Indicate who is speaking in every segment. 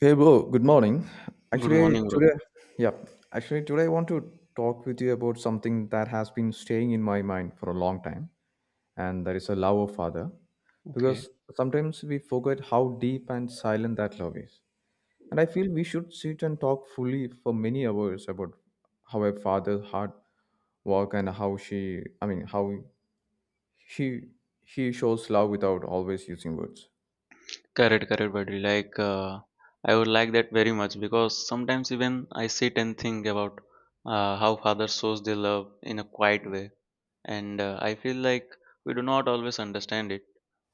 Speaker 1: Hey bro, good morning.
Speaker 2: Good
Speaker 1: Actually
Speaker 2: morning,
Speaker 1: today,
Speaker 2: bro.
Speaker 1: yeah, actually today I want to talk with you about something that has been staying in my mind for a long time, and that is a love of father. Because
Speaker 2: Okay,
Speaker 1: sometimes we forget how deep and silent that love is. And I feel we should sit and talk fully for many hours about how a father's heart work and how she, I mean, how he he shows love without always using words.
Speaker 2: correct, correct, buddy. Like, I would like that very much because sometimes even I sit and think about how father shows their love in a quiet way, and I feel like we do not always understand it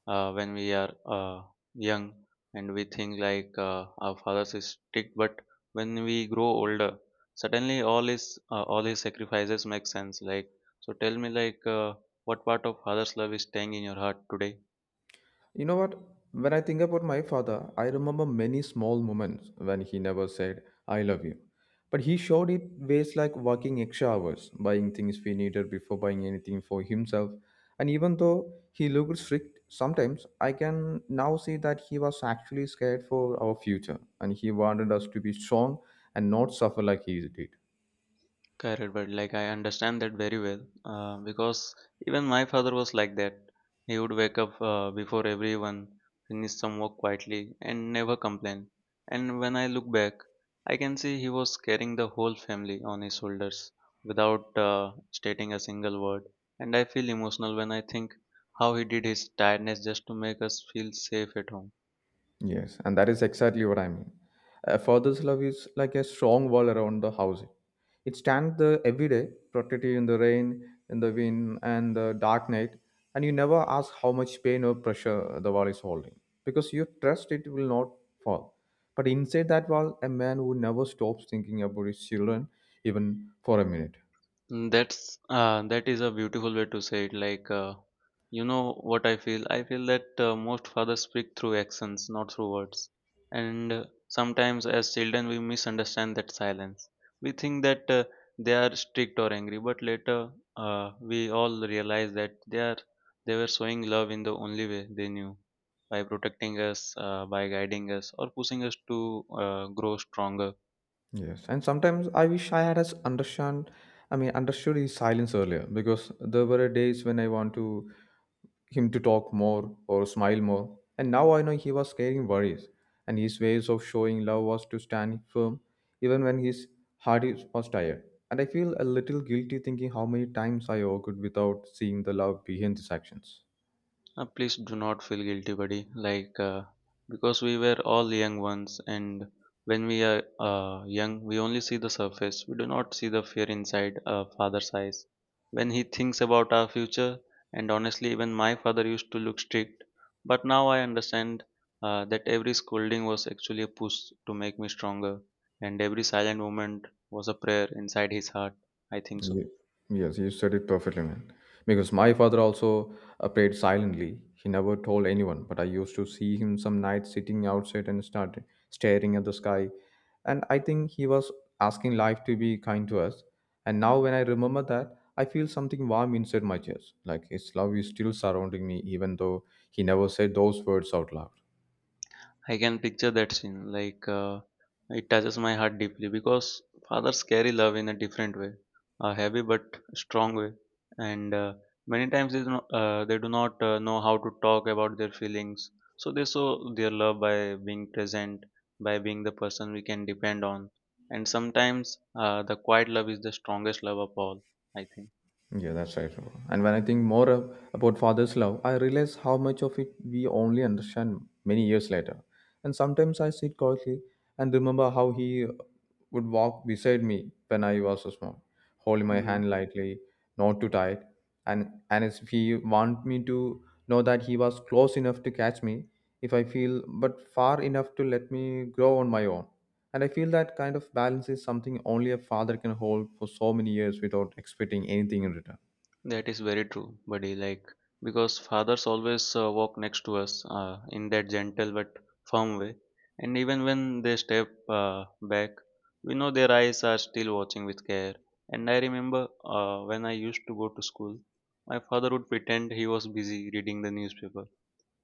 Speaker 2: when we are young, and we think like our fathers is strict, but when we grow older, suddenly all his all his sacrifices make sense. Like, so tell me, like, what part of father's love is staying in your heart today?
Speaker 1: You know what? When I think about my father, I remember many small moments when he never said, I love you. But he showed it ways like working extra hours, buying things we needed before buying anything for himself. And even though he looked strict sometimes, I can now see that he was actually scared for our future and he wanted us to be strong and not suffer like he did.
Speaker 2: Correct, but like I understand that very well because even my father was like that. He would wake up before everyone, finish some work quietly, and never complain. And when I look back, I can see he was carrying the whole family on his shoulders without stating a single word. And I feel emotional when I think how he did his tiredness just to make us feel safe at home.
Speaker 1: Yes, and that is exactly what I mean. A father's love is like a strong wall around the house. It stands there every day, protecting you in the rain, in the wind, and the dark night, and you never ask how much pain or pressure the wall is holding because you trust it will not fall. But inside that wall, a man who never stops thinking about his children, even for a minute.
Speaker 2: Mm, that's that is a beautiful way to say it. Like, you know what I feel? I feel that most fathers speak through actions, not through words. And sometimes, as children, we misunderstand that silence. We think that they are strict or angry, but later we all realize that they were showing love in the only way they knew, by protecting us, by guiding us, or pushing us to grow stronger.
Speaker 1: Yes, and sometimes I wish I had as understand, I mean, understood his silence earlier because there were days when I want to him to talk more or smile more, and now I know he was carrying worries, and his ways of showing love was to stand firm even when his heart is, was tired. And I feel a little guilty thinking how many times I argued without seeing the love behind these actions.
Speaker 2: Please do not feel guilty, buddy. Like, because we were all young ones, and when we are young, we only see the surface. We do not see the fear inside a father's eyes. When he thinks about our future, and honestly, even my father used to look strict, but now I understand that every scolding was actually a push to make me stronger, and every silent moment was a prayer inside his heart. I think so.
Speaker 1: Ye- Yes, you said it perfectly, man. Because my father also prayed silently. He never told anyone, but I used to see him some nights sitting outside and start staring at the sky. And I think he was asking life to be kind to us. And now when I remember that, I feel something warm inside my chest. Like his love is still surrounding me, even though he never said those words out loud.
Speaker 2: I can picture that scene. Like it touches my heart deeply because fathers carry love in a different way, a heavy but strong way, and many times they do not know how to talk about their feelings. So they show their love by being present, by being the person we can depend on, and sometimes the quiet love is the strongest love of all. I
Speaker 1: Yeah, that's right, Shiva. And when I think about father's love, I realize how much of it we only understand many years later. And sometimes I sit quietly and remember how he would walk beside me when I was so small, holding my
Speaker 2: think.
Speaker 1: hand lightly, not too tight, and as if he want me to know that he was close enough to catch me if I feel, but far enough to let me grow on my own. And I feel that kind of balance is something only a father can hold for so many years without expecting anything in return.
Speaker 2: That is very true, buddy. Like, because fathers always walk next to us in that gentle but firm way. And even when they step back, we know their eyes are still watching with care. And I remember when I used to go to school, my father would pretend he was busy reading the newspaper.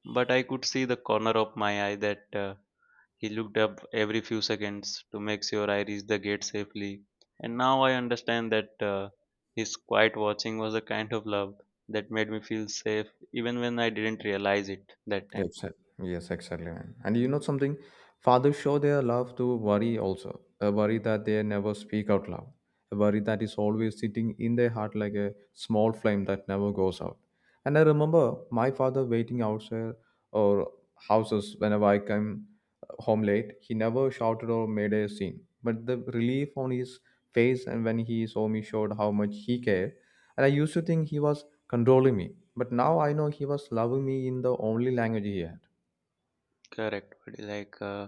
Speaker 2: But I could see the corner of my eye that he looked up every few seconds to make sure I reached the gate safely. And now I understand that his quiet watching was a kind of love that made me feel safe even when I didn't realize it that time.
Speaker 1: Exactly. Yes, exactly, man. And you know something? Fathers show their love to worry also. A worry that they never speak out loud. A worry that is always sitting in their heart like a small flame that never goes out. And I remember my father waiting outside or houses whenever I came home late. He never shouted or made a scene. But the relief on his face and when he saw me showed how much he cared. And I used to think he was controlling me. But now I know he was loving me in the only language he had.
Speaker 2: Correct, buddy. Like,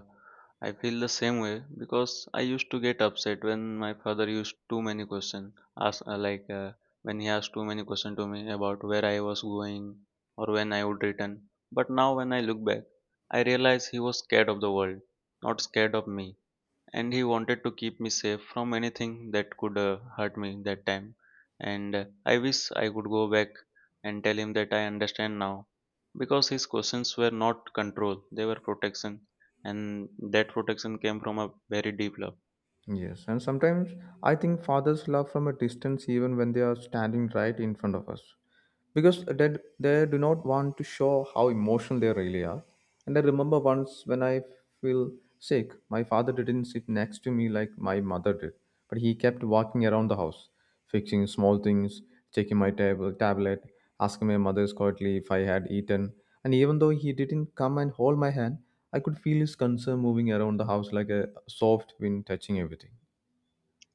Speaker 2: I feel the same way because I used to get upset when my father used too many questions. Ask like, when he asked too many questions to me about where I was going or when I would return. But now when I look back, I realize he was scared of the world, not scared of me, and he wanted to keep me safe from anything that could hurt me that time, and I wish I could go back and tell him that I understand now, because his questions were not control, they were protection, and that protection came from a very deep love.
Speaker 1: Yes, and sometimes I think fathers love from a distance even when they are standing right in front of us, because they do not want to show how emotional they really are. And I remember once when I feel sick, my father didn't sit next to me like my mother did, but he kept walking around the house, fixing small things, checking my table, tablet, asking my mother quietly if I had eaten. And even though he didn't come and hold my hand, I could feel his concern moving around the house like a soft wind touching everything.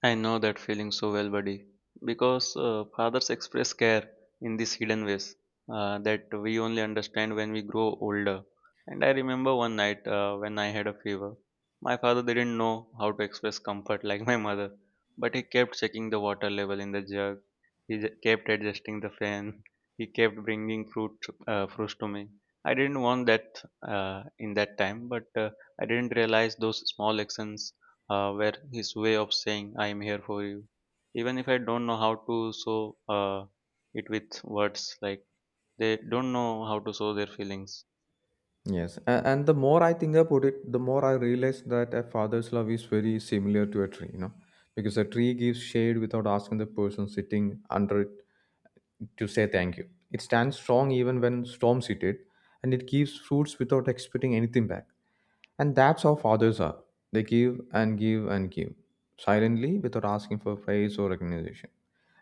Speaker 2: I know that feeling so well, buddy, because fathers express care in these hidden ways that we only understand when we grow older. And I remember one night when I had a fever. My father didn't know how to express comfort like my mother, but he kept checking the water level in the jug. He kept adjusting the fan. He kept bringing fruits to me. I didn't want that in that time, but I didn't realize those small actions where his way of saying I am here for you, even if I don't know how to show uh, it with words, like they don't know how to show their feelings.
Speaker 1: Yes, and the more I think about it, the more I realize that a father's love is very similar to a tree, you know, because a tree gives shade without asking the person sitting under it to say thank you. It stands strong even when storms hit it, and it gives fruits without expecting anything back. And that's how fathers are. They give and give and give silently without asking for praise or recognition.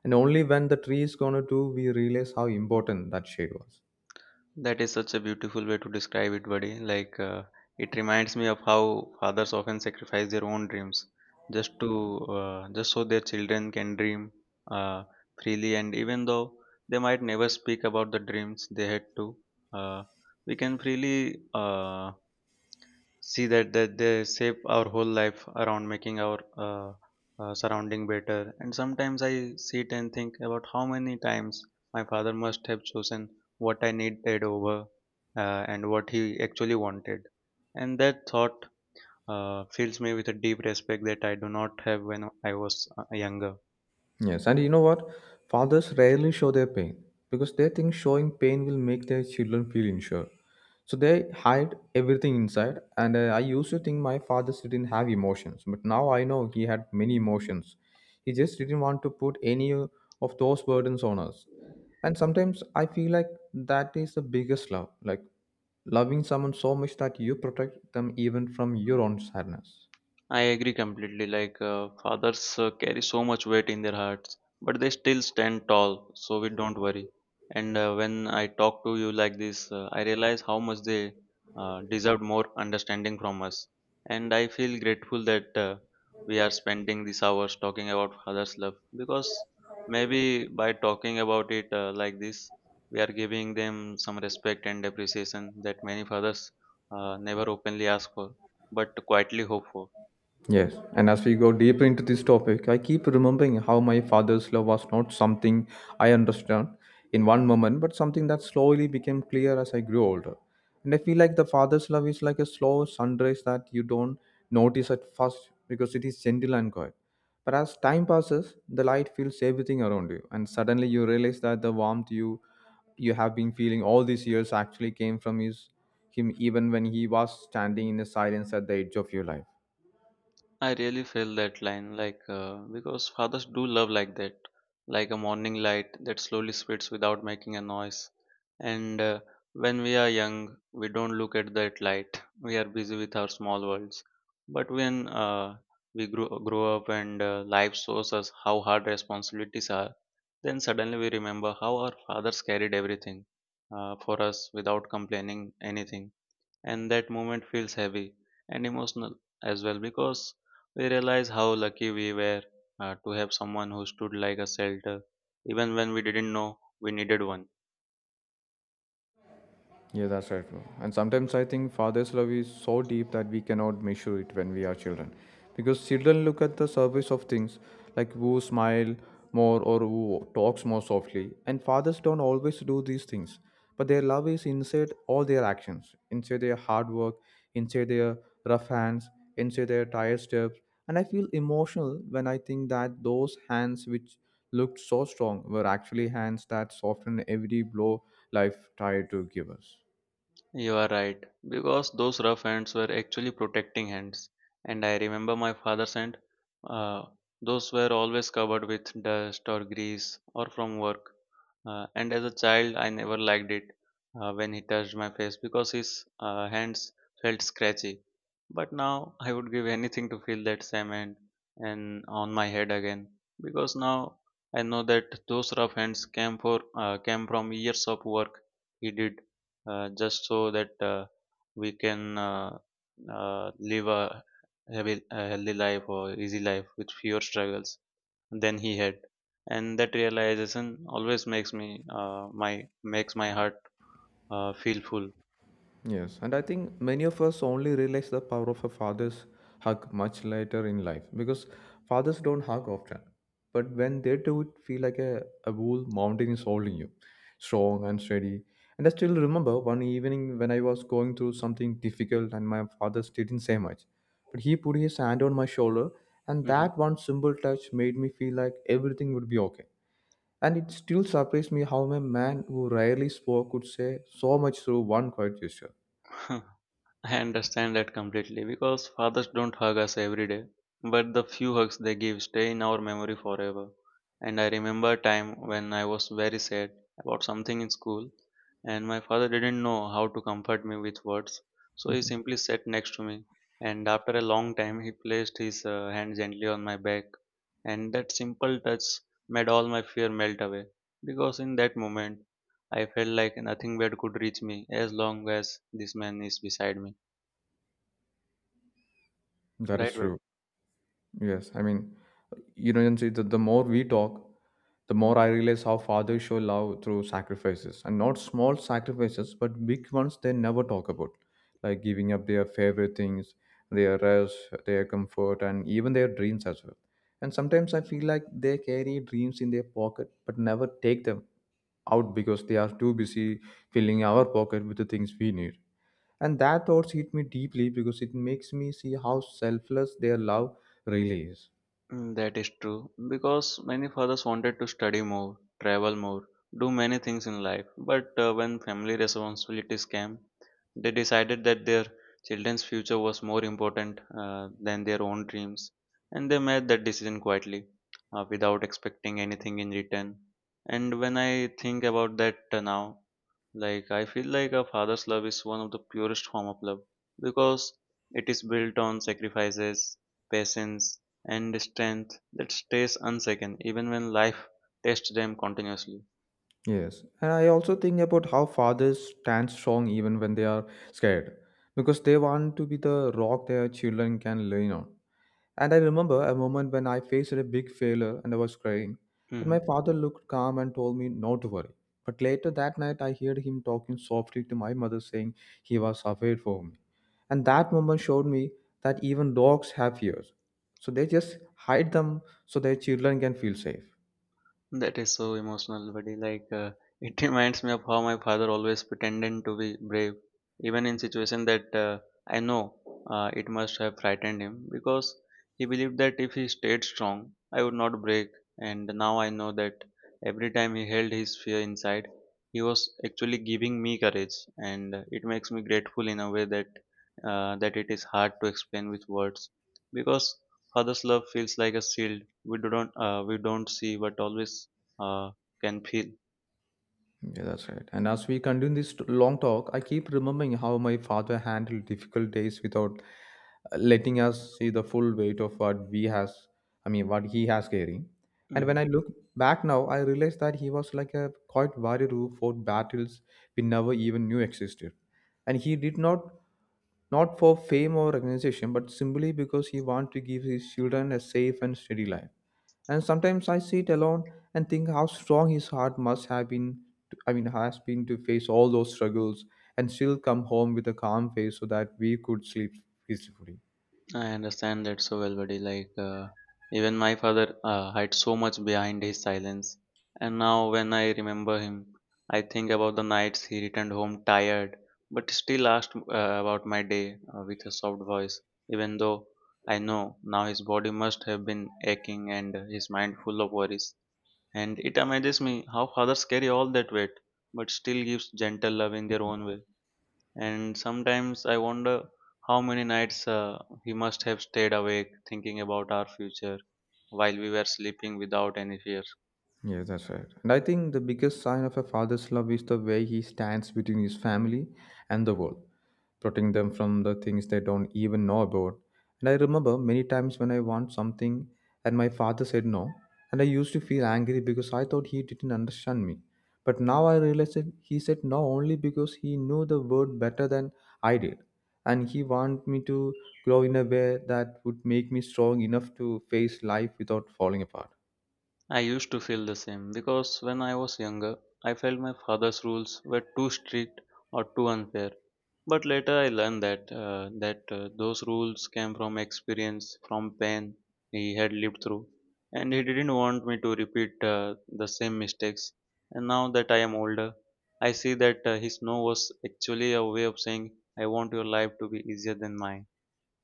Speaker 1: And only when the tree is gonna do, we realize how important that shade was.
Speaker 2: That is such a beautiful way to describe it, buddy. Like it reminds me of how fathers often sacrifice their own dreams just to just so their children can dream uh, freely. And even though they might never speak about the dreams they had to, uh, we can freely uh, see that they shape our whole life around making our uh, surrounding better. And sometimes I sit and think about how many times my father must have chosen what I needed over and what he actually wanted, and that thought fills me with a deep respect that I do not have when I was younger.
Speaker 1: Yes, and you know what? Fathers rarely show their pain because they think showing pain will make their children feel insured. So they hide everything inside. And I used to think my father didn't have emotions, but now I know he had many emotions. He just didn't want to put any of those burdens on us. And sometimes I feel like that is the biggest love, like loving someone so much that you protect them even from your own sadness.
Speaker 2: I agree completely. Like fathers carry so much weight in their hearts, but they still stand tall. So we don't worry. And when I talk to you like this, I realize how much they deserved more understanding from us. And I feel grateful that we are spending these hours talking about father's love, because maybe by talking about it like this, we are giving them some respect and appreciation that many fathers never openly ask for, but quietly hope for.
Speaker 1: Yes, and as we go deeper into this topic, I keep remembering how my father's love was not something I understood in one moment, but something that slowly became clear as I grew older. And I feel like the father's love is like a slow sunrise that you don't notice at first because it is gentle and quiet. But as time passes, the light fills everything around you, and suddenly you realize that the warmth you have been feeling all these years actually came from his him even when he was standing in the silence at the edge of your life.
Speaker 2: I really feel that line, like because fathers do love like that, like a morning light that slowly spreads without making a noise. And when we are young, we don't look at that light. We are busy with our small worlds. But when we grow up and life shows us how hard responsibilities are, then suddenly we remember how our fathers carried everything for us without complaining anything, and that moment feels heavy and emotional as well, because we realize how lucky we were to have someone who stood like a shelter even when we didn't know we needed one.
Speaker 1: Yeah, that's right, bro. And sometimes I think father's love is so deep that we cannot measure it when we are children. Because children look at the surface of things, like who smile more or who talks more softly. And fathers don't always do these things. But their love is inside all their actions, inside their hard work, inside their rough hands, inside their tired steps. And I feel emotional when I think that those hands which looked so strong were actually hands that softened every blow life tried to give us.
Speaker 2: You are right, because those rough hands were actually protecting hands. And I remember my father sent, uh, those were always covered with dust or grease or from work. And as a child, I never liked it when he touched my face because his hands felt scratchy. But now I would give anything to feel that same hand and on my head again, because now I know that those rough hands came from years of work he did, just so that we can live a healthy life or easy life with fewer struggles than he had. And that realization always makes my heart feel full.
Speaker 1: Yes, and I think many of us only realize the power of a father's hug much later in life because fathers don't hug often. But when they do, it feel like a whole mountain is holding you, strong and steady. And I still remember one evening when I was going through something difficult and my father still didn't say much. But he put his hand on my shoulder, and
Speaker 2: Mhm.
Speaker 1: that one simple touch made me feel like everything would be okay. And it still surprised me how a man who rarely spoke could say so much through one quiet gesture.
Speaker 2: I understand that completely because fathers don't hug us every day, but the few hugs they give stay in our memory forever. And I remember a time when I was very sad about something in school, and my father didn't know how to comfort me with words, so he simply sat next to me. And after a long time, he placed his hand gently on my back, and that simple touch made all my fear melt away, because in that moment, I felt like nothing bad could reach me as long as this man is beside me.
Speaker 1: That
Speaker 2: Right,
Speaker 1: is
Speaker 2: but
Speaker 1: true. Yes. I mean, you know, Jansi, the more we talk, the more I realize how fathers show love through sacrifices. And not small sacrifices, but big ones they never talk about. Like giving up their favorite things, their rest, their comfort, and even their dreams as well. And sometimes I feel like they carry dreams in their pocket, but never take them out because they are too busy filling our pocket with the things we need. And that thoughts hit me deeply because it makes me see how selfless their love really is.
Speaker 2: mm, that is true because many fathers wanted to study more, travel more, do many things in life. But when family responsibilities came, they decided that their children's future was more important than their own dreams, and they made that decision quietly, without expecting anything in return. And when I think about that now, like I feel like a father's love is one of the purest form of love, because it is built on sacrifices, patience, and strength that stays unshaken even when life tests them continuously.
Speaker 1: Yes. And I also think about how fathers stand strong even when they are scared because they want to be the rock their children can lean on. And I remember a moment when I faced a big failure and I was crying. And my father looked calm and told me not to worry. But later that night, I heard him talking softly to my mother, saying he was afraid for me. And that moment showed me that even dogs have fears. So they just hide them so their children can feel safe.
Speaker 2: That is so emotional, buddy. Like it reminds me of how my father always pretended to be brave, even in situation that I know it must have frightened him, because he believed that if he stayed strong, I would not break. And now I know that every time he held his fear inside, he was actually giving me courage, and it makes me grateful in a way that that it is hard to explain with words, because father's love feels like a shield we do not we don't see but always uh, can feel.
Speaker 1: Yeah, that's right. And as we continue this long talk, I keep remembering how my father handled difficult days without letting us see the full weight of what we has. I mean, what he has carrying. And when
Speaker 2: Hmm.
Speaker 1: I look back now, I realize that he was like a quiet warrior who fought battles we never even knew existed. And he did not for fame or recognition, but simply because he wanted to give his children a safe and steady life. And sometimes I sit alone and think how strong his heart must have been. To, I mean, has been to face all those struggles and still come home with a calm face so that we could sleep peacefully.
Speaker 2: I understand that so well, buddy. Even my father hides so much behind his silence, and now when I remember him, I think about the nights he returned home tired, but still asked about my day with a soft voice. Even though I know now his body must have been aching and his mind full of worries. And it amazes me how fathers carry all that weight, but still gives gentle love in their own way. And sometimes I wonder how many nights he must have stayed awake thinking about our future while we were sleeping without any fear.
Speaker 1: Yeah, that's right. And I think the biggest sign of a father's love is the way he stands between his family and the world, protecting them from the things they don't even know about. And I remember many times when I want something and my father said no, and I used to feel angry because I thought he didn't understand me. But now I realize that he said no only because he knew the word better than I did. And he wanted me to grow in a way that would make me strong enough to face life without falling apart.
Speaker 2: I used to feel the same because when I was younger, I felt my father's rules were too strict or too unfair. But later I learned that those rules came from experience, from pain he had lived through, and he didn't want me to repeat the same mistakes. And now that I am older, I see that his no was actually a way of saying, "I want your life to be easier than mine,"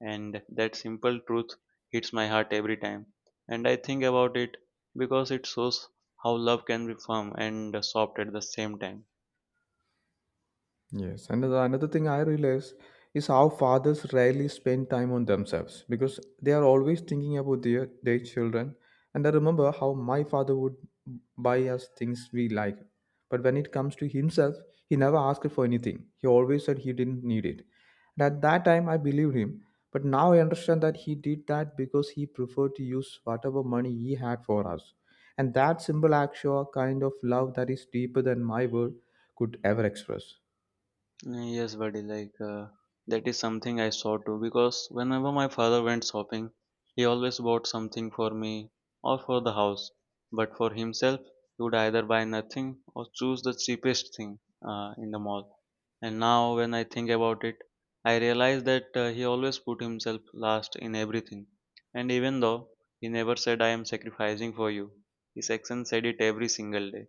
Speaker 2: and that simple truth hits my heart every time. And I think about it because it shows how love can be firm and soft at the same time.
Speaker 1: Yes, and another thing I realize is how fathers rarely spend time on themselves because they are always thinking about their children. And I remember how my father would buy us things we like, but when it comes to himself, he never asked for anything. He always said he didn't need it. And at that time, I believed him, but now I understand that he did that because he preferred to use whatever money he had for us. And that simple action, kind of love that is deeper than my word could ever express.
Speaker 2: Mm, yes, buddy, that is something I saw too because whenever my father went shopping, he always bought something for me or for the house. But for himself, he would either buy nothing or choose the cheapest thing in the mall. And now, when I think about it, I realize that he always put himself last in everything. And even though he never said, I am sacrificing for you, his action said it every single day,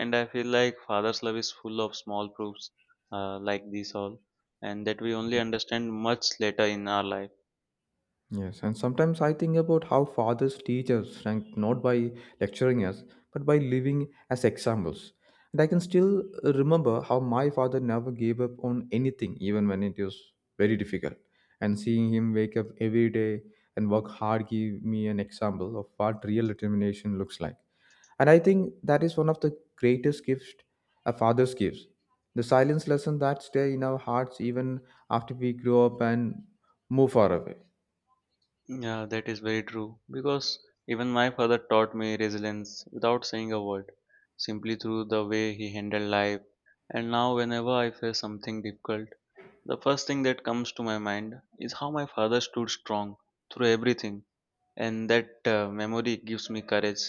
Speaker 2: and I feel like father's love is full of small proofs like these all, and that we only understand much later in our life.
Speaker 1: Yes, and sometimes I think about how fathers teach us, and not by lecturing us, but by living as examples. And I can still remember how my father never gave up on anything, even when it was very difficult. And seeing him wake up every day and work hard gave me an example of what real determination looks like. And I think that is one of the greatest gifts a father gives. The silence lesson that stay in our hearts even after we grow up and move far away.
Speaker 2: Yeah, that is very true because even my father taught me resilience without saying a word, simply through the way he handled life. And now whenever I face something difficult, the first thing that comes to my mind is how my father stood strong through everything, and that memory gives me courage.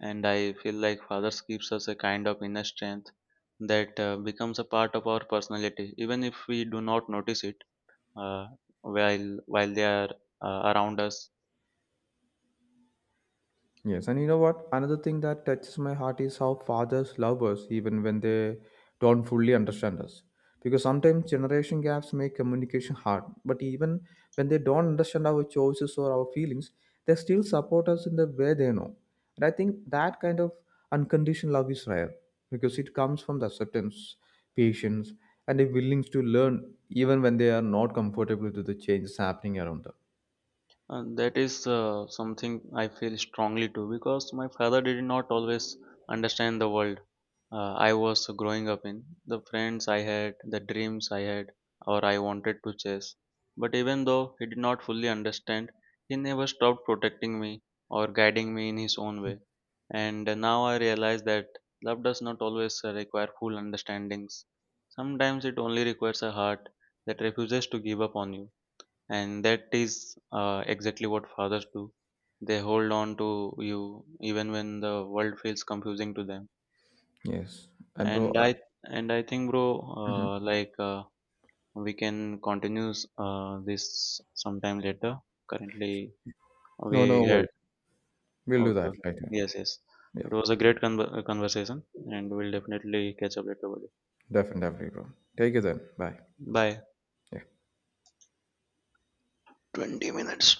Speaker 2: And I feel like fathers gives us a kind of inner strength that becomes a part of our personality even if we do not notice it uh, while they are around us.
Speaker 1: Yes, and you know what? Another thing that touches my heart is how fathers love us even when they don't fully understand us. Because sometimes generation gaps make communication hard, but even when they don't understand our choices or our feelings, they still support us in the way they know. And I think that kind of unconditional love is rare because it comes from the acceptance, patience, and a willingness to learn even when they are not comfortable with the changes happening around them.
Speaker 2: And that is something I feel strongly to because my father did not always understand the world I was growing up in. The friends I had, the dreams I had, or I wanted to chase. But even though he did not fully understand, he never stopped protecting me or guiding me in his own way. And now I realize that love does not always require full understandings. Sometimes it only requires a heart that refuses to give up on you. And that is exactly what fathers do. They hold on to you even when the world feels confusing to them.
Speaker 1: Yes, and
Speaker 2: And I and I think, bro,
Speaker 1: mhm.
Speaker 2: we can continue this sometime later. Currently,
Speaker 1: No, no
Speaker 2: we
Speaker 1: worries.
Speaker 2: had
Speaker 1: We'll do
Speaker 2: okay,
Speaker 1: that
Speaker 2: okay.
Speaker 1: later.
Speaker 2: Yes, yes.
Speaker 1: Yeah,
Speaker 2: It was a great conversation, and we'll definitely catch up later, buddy.
Speaker 1: definitely, bro. Take it then. Bye.
Speaker 2: Bye.
Speaker 1: Yeah.
Speaker 2: 20 minutes.